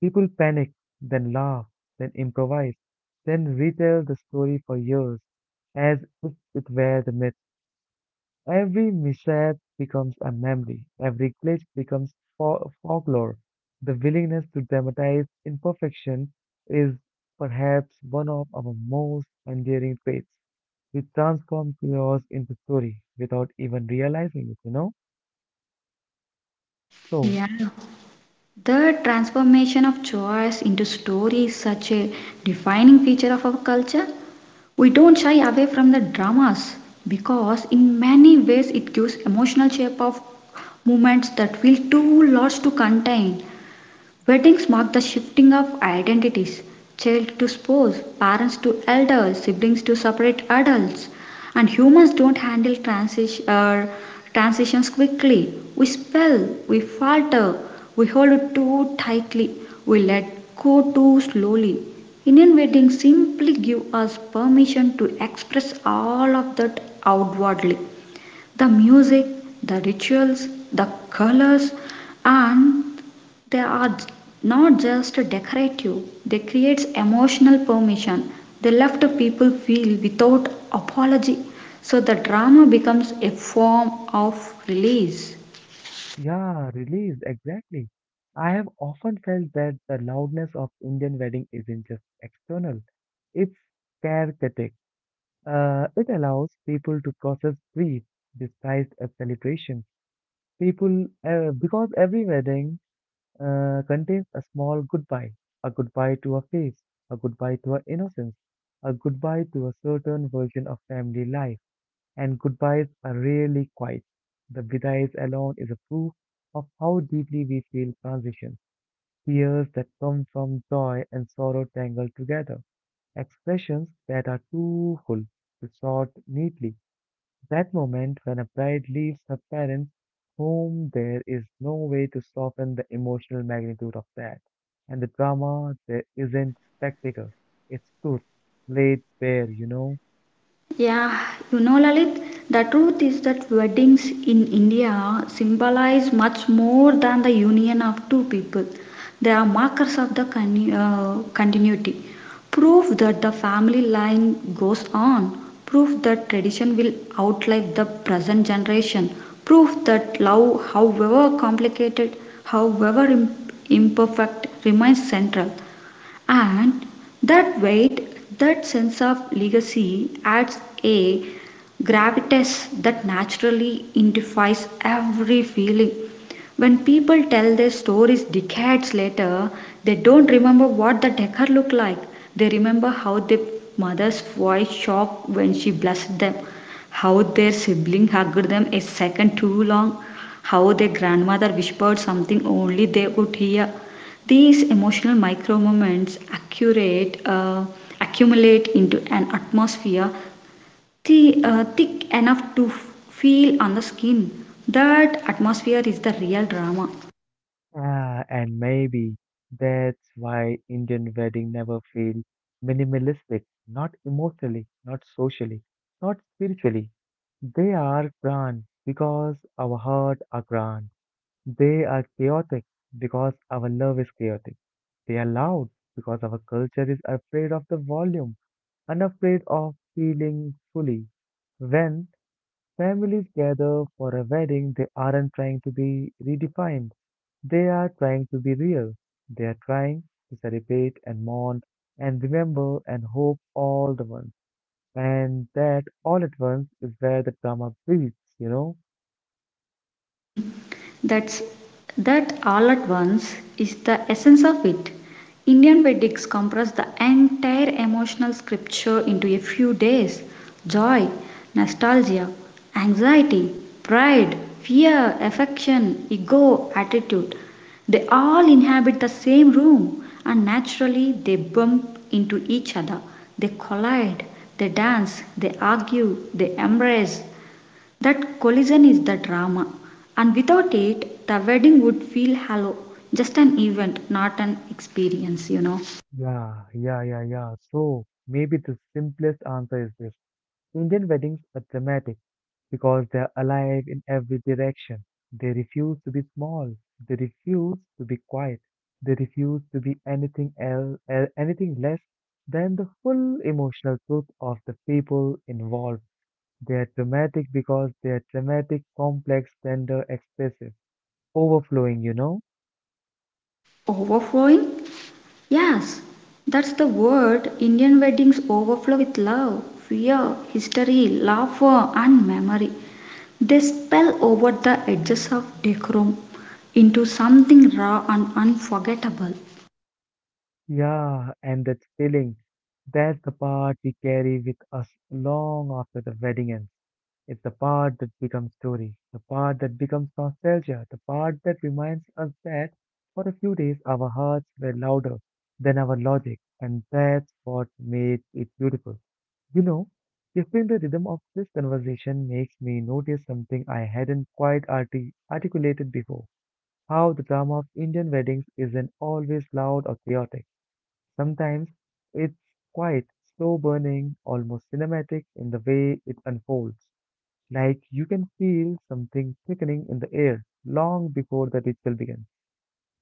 People panic, then laugh, then improvise, then retell the story for years as if it were the myth. Every mishap becomes a memory, every glitch becomes folklore. The willingness to dramatize imperfection is perhaps one of our most endearing traits. We transform chaos into story without even realizing it, you know? So, Yeah. The transformation of choice into story is such a defining feature of our culture. We don't shy away from the dramas because, in many ways, it gives emotional shape of moments that feel too large to contain. Weddings mark the shifting of identities child to spouse, parents to elders, siblings to separate adults. And humans don't handle transitions quickly. We spell, we falter, we hold it too tightly, we let go too slowly. Indian weddings simply give us permission to express all of that outwardly the music, the rituals, the colors, and they are j- not just decorative, they create emotional permission. They left people feel without apology. So the drama becomes a form of release. yeah, release, exactly. I have often felt that the loudness of Indian wedding isn't just external, it's chaotic. It allows people to process grief disguised as celebration. Because every wedding contains a small goodbye, a goodbye to a face, a goodbye to our innocence, a goodbye to a certain version of family life. And goodbyes are rarely quiet. The bidais alone is a proof of how deeply we feel transition. Tears that come from joy and sorrow tangled together. Expressions that are too full to sort neatly that moment when a bride leaves her parents' home, there is no way to soften the emotional magnitude of that. And the drama, there isn't spectacle, it's truth, laid bare, you know? Yeah, you know, Lalit, the truth is that weddings in India symbolize much more than the union of two people. They are markers of the continuity, proof that the family line goes on, proof that tradition will outlive the present generation, proof that love, however complicated, however imperfect, remains central. And that weight, that sense of legacy adds a gravitas that naturally identifies every feeling. When people tell their stories decades later, they don't remember what the decor looked like. They remember how their mother's voice shocked when she blessed them, how their sibling hugged them a second too long, how their grandmother whispered something only they could hear. These emotional micro moments accumulate into an atmosphere thick enough to feel on the skin. That atmosphere is the real drama. Ah, and maybe that's why Indian wedding never feel minimalistic, not emotionally, not socially, not spiritually. They are grand because our hearts are grand. They are chaotic because our love is chaotic. They are loud because our culture is afraid of the volume and afraid of feeling fully. When families gather for a wedding, they aren't trying to be redefined. They are trying to be real. They are trying to celebrate and mourn and remember and hope all the once. And that all at once is where the drama breathes, you know? (laughs) That's that all at once is the essence of it. Indian Vedics compress the entire emotional scripture into a few days joy, nostalgia, anxiety, pride, fear, affection, ego, attitude. They all inhabit the same room and naturally they bump into each other. They collide, they dance, they argue, they embrace, that collision is the drama, and without it, the wedding would feel hollow, just an event, not an experience, you know. Yeah, yeah, yeah, yeah. So maybe the simplest answer is this. Indian weddings are dramatic because they are alive in every direction. They refuse to be small. They refuse to be quiet. They refuse to be anything else, anything less than the full emotional truth of the people involved. They are dramatic because they are dramatic, complex, tender, expressive, overflowing, you know? Overflowing? Yes, that's the word. Indian weddings overflow with love, fear, history, laughter, and memory. They spill over the edges of decorum into something raw and unforgettable. Yeah, and that feeling, that's the part we carry with us long after the wedding ends. It's the part that becomes story, the part that becomes nostalgia, the part that reminds us that for a few days our hearts were louder than our logic, and that's what makes it beautiful. You know, shifting the rhythm of this conversation makes me notice something I hadn't quite articulated before how the drama of Indian weddings isn't always loud or chaotic. Sometimes it's quite slow burning, almost cinematic in the way it unfolds. Like you can feel something thickening in the air long before the ritual begins,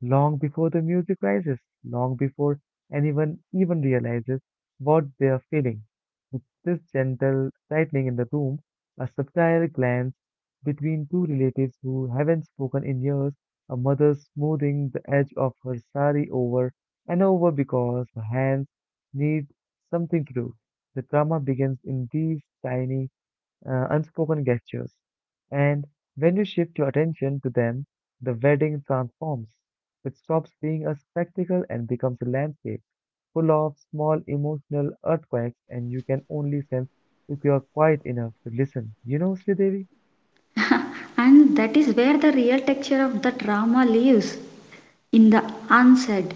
long before the music rises, long before anyone even realizes what they are feeling. With this gentle tightening in the room, a subtle glance between two relatives who haven't spoken in years, a mother smoothing the edge of her sari over and over because her hands need something to do. The drama begins in these tiny unspoken gestures. And when you shift your attention to them, the wedding transforms. It stops being a spectacle and becomes a landscape full of small emotional earthquakes, and you can only sense if you are quiet enough to listen. You know, Sridevi? (laughs) and that is where the real texture of the drama lives, in the unsaid.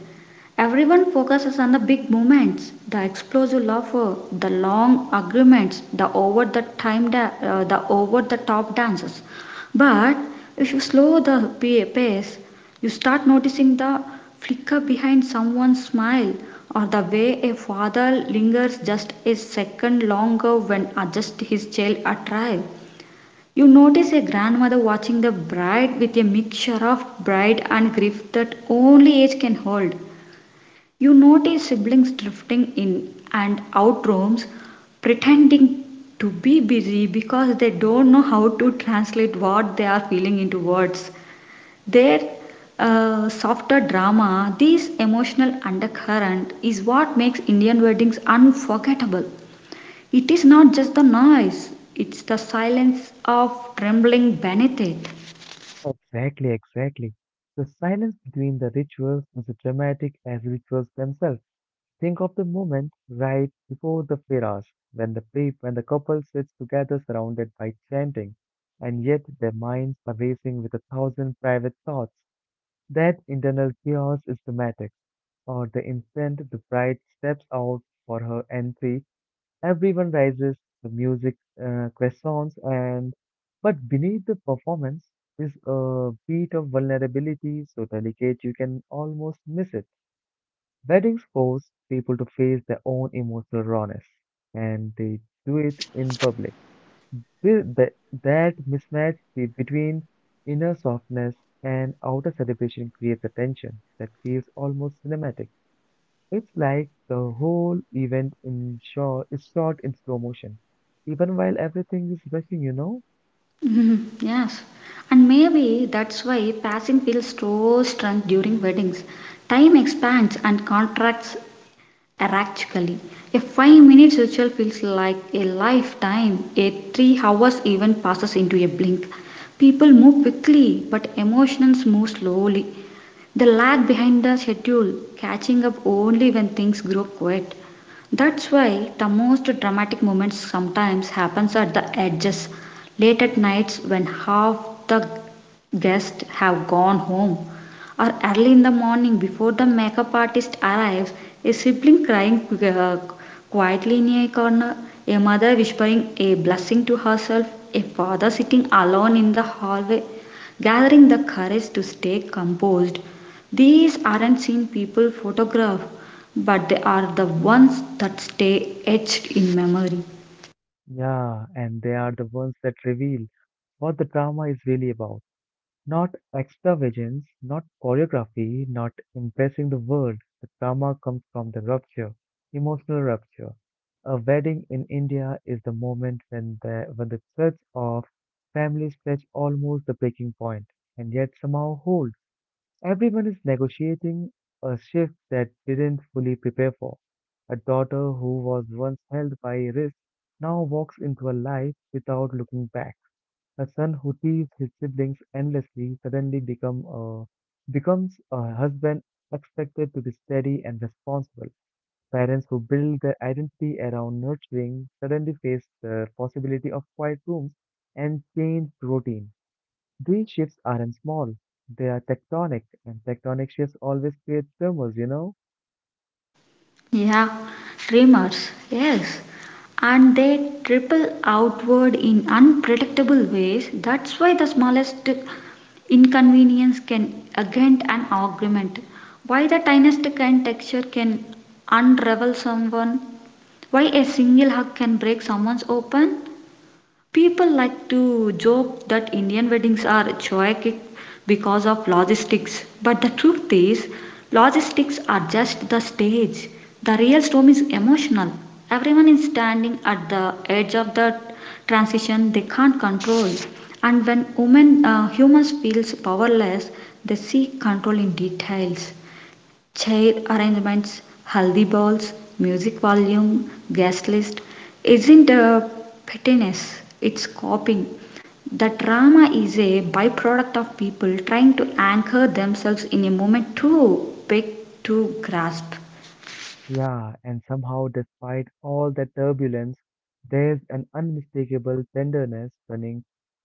Everyone focuses on the big moments, the explosive laughter, the long agreements, the over the top dances. But if you slow the pace, you start noticing the flicker behind someone's smile or the way a father lingers just a second longer when adjust his child arrive. You notice a grandmother watching the bride with a mixture of pride and grief that only age can hold. You notice siblings drifting in and out rooms, pretending to be busy because they don't know how to translate what they are feeling into words. Their softer drama, this emotional undercurrent, is what makes Indian weddings unforgettable. It is not just the noise, it's the silence of trembling beneath it. Exactly, exactly. The silence between the rituals is as dramatic as rituals themselves. Think of the moment right before the firash, when when the couple sits together surrounded by chanting, and yet their minds are racing with a thousand private thoughts. That internal chaos is dramatic, or the instant the bride steps out for her entry, everyone rises, the music crescents, and but beneath the performance is a beat of vulnerability so delicate you can almost miss it. Weddings force people to face their own emotional rawness, and they do it in public. Th- th- That mismatch between inner softness and outer celebration creates a tension that feels almost cinematic. It's like the whole event in short is shot in slow motion, even while everything is rushing, you know? Mhm, yes. And maybe that's why passing feels so strange during weddings. Time expands and contracts erratically. A 5-minute ritual feels like a lifetime. A 3 hours even passes into a blink. People move quickly, but emotions move slowly. They lag behind the schedule, catching up only when things grow quiet. That's why the most dramatic moments sometimes happens at the edges, late at nights when half the guests have gone home, or early in the morning before the makeup artist arrives, a sibling crying quietly in a corner, a mother whispering a blessing to herself, a father sitting alone in the hallway, gathering the courage to stay composed these aren't seen people photograph, but they are the ones that stay etched in memory. Yeah, and they are the ones that reveal what the drama is really about. Not extravagance, not choreography, not impressing the world. The drama comes from the rupture, emotional rupture. A wedding in India is the moment when the threads of families stretch almost the breaking point, and yet somehow hold. Everyone is negotiating a shift that didn't fully prepare for. A daughter who was once held by a wrist now walks into a life without looking back. A son who teases his siblings endlessly becomes a husband expected to be steady and responsible. Parents who build their identity around nurturing suddenly face the possibility of quiet rooms and changed routine. These shifts aren't small, they are tectonic, and tectonic shifts always create tremors, you know? Yeah, dreamers, yes. And they triple outward in unpredictable ways. That's why the smallest inconvenience can agent an argument. Why the tiniest kind texture can unravel someone. Why a single hug can break someone's open. People like to joke that Indian weddings are chaotic because of logistics, but the truth is, logistics are just the stage. The real storm is emotional. Everyone is standing at the edge of the transition they can't control. And when humans feels powerless, they seek control in details. Chair arrangements, haldi bowls, music volume, guest list isn't a pettiness, it's coping. The drama is a byproduct of people trying to anchor themselves in a moment too big to grasp. Yeah, and somehow, despite all the turbulence, there's an unmistakable tenderness running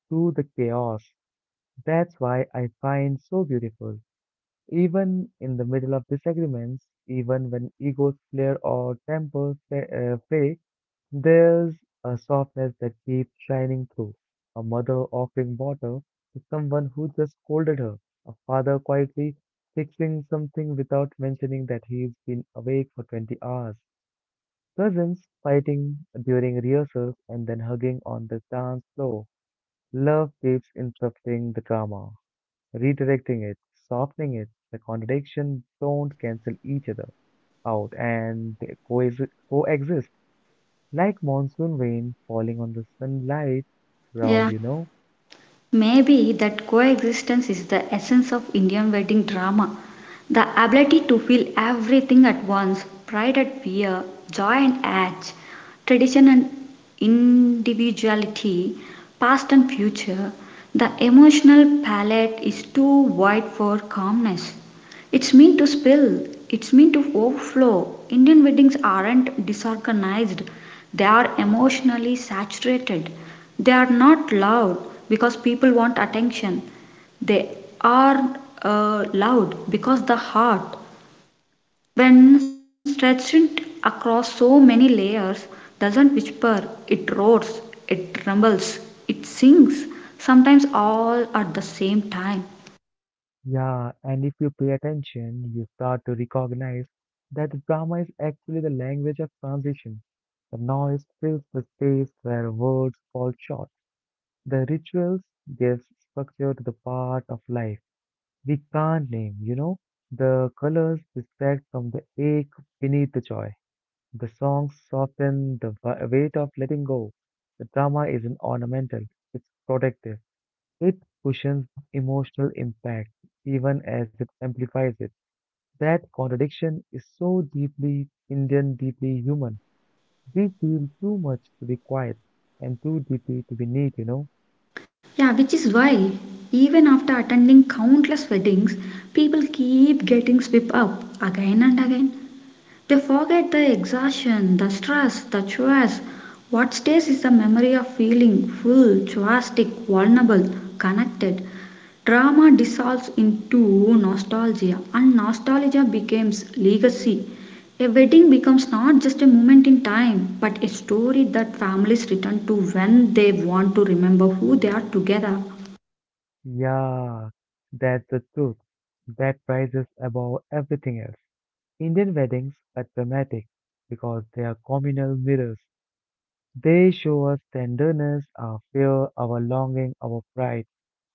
through the chaos. That's why I find so beautiful. Even in the middle of disagreements, even when egos flare or tempers fade, there's a softness that keeps shining through. A mother offering water to someone who just scolded her. A father quietly fixing something without mentioning that he's been awake for 20 hours. Cousins fighting during rehearsals and then hugging on the dance floor. Love keeps interrupting the drama redirecting it, softening it. The contradictions don't cancel each other out and they coexist like monsoon rain falling on the sunlight ground, Yeah. you know? Maybe that coexistence is the essence of Indian wedding drama. The ability to feel everything at once pride and fear, joy and age, tradition and individuality, past and future. The emotional palette is too wide for calmness. It's meant to spill, it's meant to overflow. Indian weddings aren't disorganized, they are emotionally saturated. They are not loud because people want attention. They are loud because the heart, when stretched across so many layers, doesn't whisper, it roars, it rumbles, it sings, sometimes all at the same time. Yeah, and if you pay attention, you start to recognize that the drama is actually the language of transition. The noise fills the space where words fall short. The rituals gives structure to the part of life we can't name, you know, the colors distract from the ache beneath the joy. The songs soften the weight of letting go. The drama isn't ornamental, it's protective. It cushions emotional impact even as it amplifies it. That contradiction is so deeply Indian, deeply human. We feel too much to be quiet and too deeply to be neat, you know? Yeah, which is why, even after attending countless weddings, people keep getting swept up again and again. They forget the exhaustion, the stress, the chores. What stays is the memory of feeling full, joyous, vulnerable, connected. Trauma dissolves into nostalgia, and nostalgia becomes legacy. A wedding becomes not just a moment in time, but a story that families return to when they want to remember who they are together. Yeah, that's the truth. That rises above everything else. Indian weddings are dramatic because they are communal mirrors. They show us tenderness, our fear, our longing, our pride.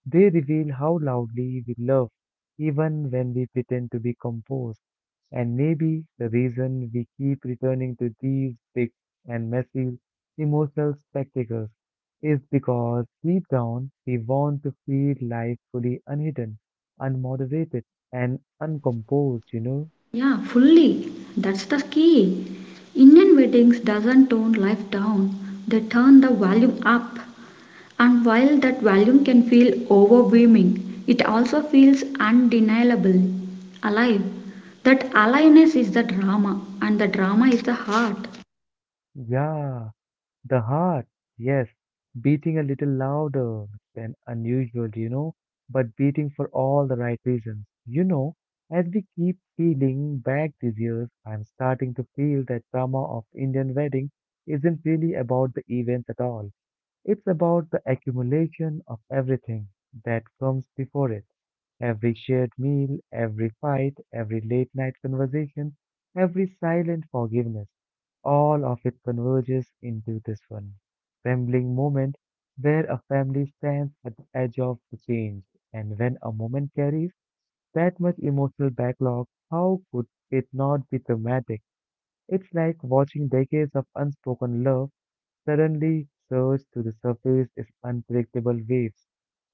They reveal how loudly we love, even when we pretend to be composed. And maybe the reason we keep returning to these big and messy emotional spectacles is because deep down we want to feel life fully unhidden, unmoderated, and uncomposed, you know? Yeah, fully. That's the key. Indian weddings doesn't tone life down. They turn the volume up. And while that volume can feel overwhelming, it also feels undeniably alive. That aliveness is the drama, and the drama is the heart. Yeah. The heart, yes, beating a little louder than unusual, you know, but beating for all the right reasons. You know, as we keep peeling back these years, I'm starting to feel that drama of Indian wedding isn't really about the events at all. It's about the accumulation of everything that comes before it. Every shared meal, every fight, every late night conversation, every silent forgiveness. All of it converges into this one trembling moment where a family stands at the edge of the change. And when a moment carries that much emotional backlog, how could it not be dramatic? It's like watching decades of unspoken love suddenly surge to the surface in unpredictable waves.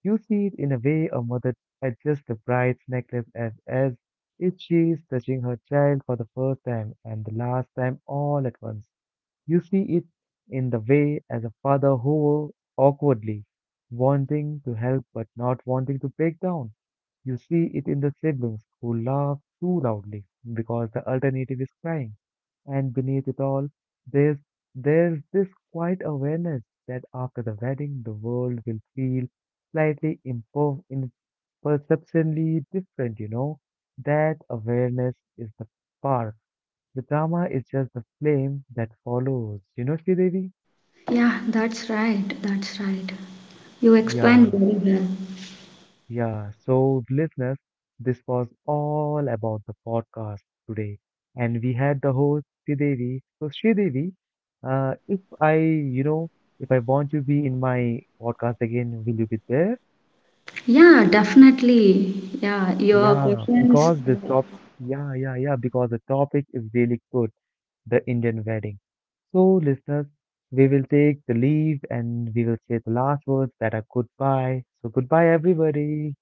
You see it in a way a mother adjusts the bride's necklace as if she is touching her child for the first time and the last time all at once. You see it in the way as a father hovers awkwardly, wanting to help but not wanting to break down. You see it in the siblings who laugh too loudly because the alternative is crying. And beneath it all, there's, there's this quiet awareness that after the wedding, the world will feel slightly imper- imperceptibly different, you know. That awareness is the spark. The drama is just the flame that follows. You know, Sridevi? Yeah, that's right, that's right. You explained Yeah. very well. Yeah, so listeners, this was all about the podcast today, and we had the host Sridevi. So Sridevi, if I, you know, if I want to be in my podcast again, will you be there? Yeah, definitely. Yeah, your Yeah, questions. because this top, yeah, yeah, yeah, because the topic is really good, the Indian wedding. So listeners, we will take the leave and we will say the last words that are goodbye. So goodbye, everybody.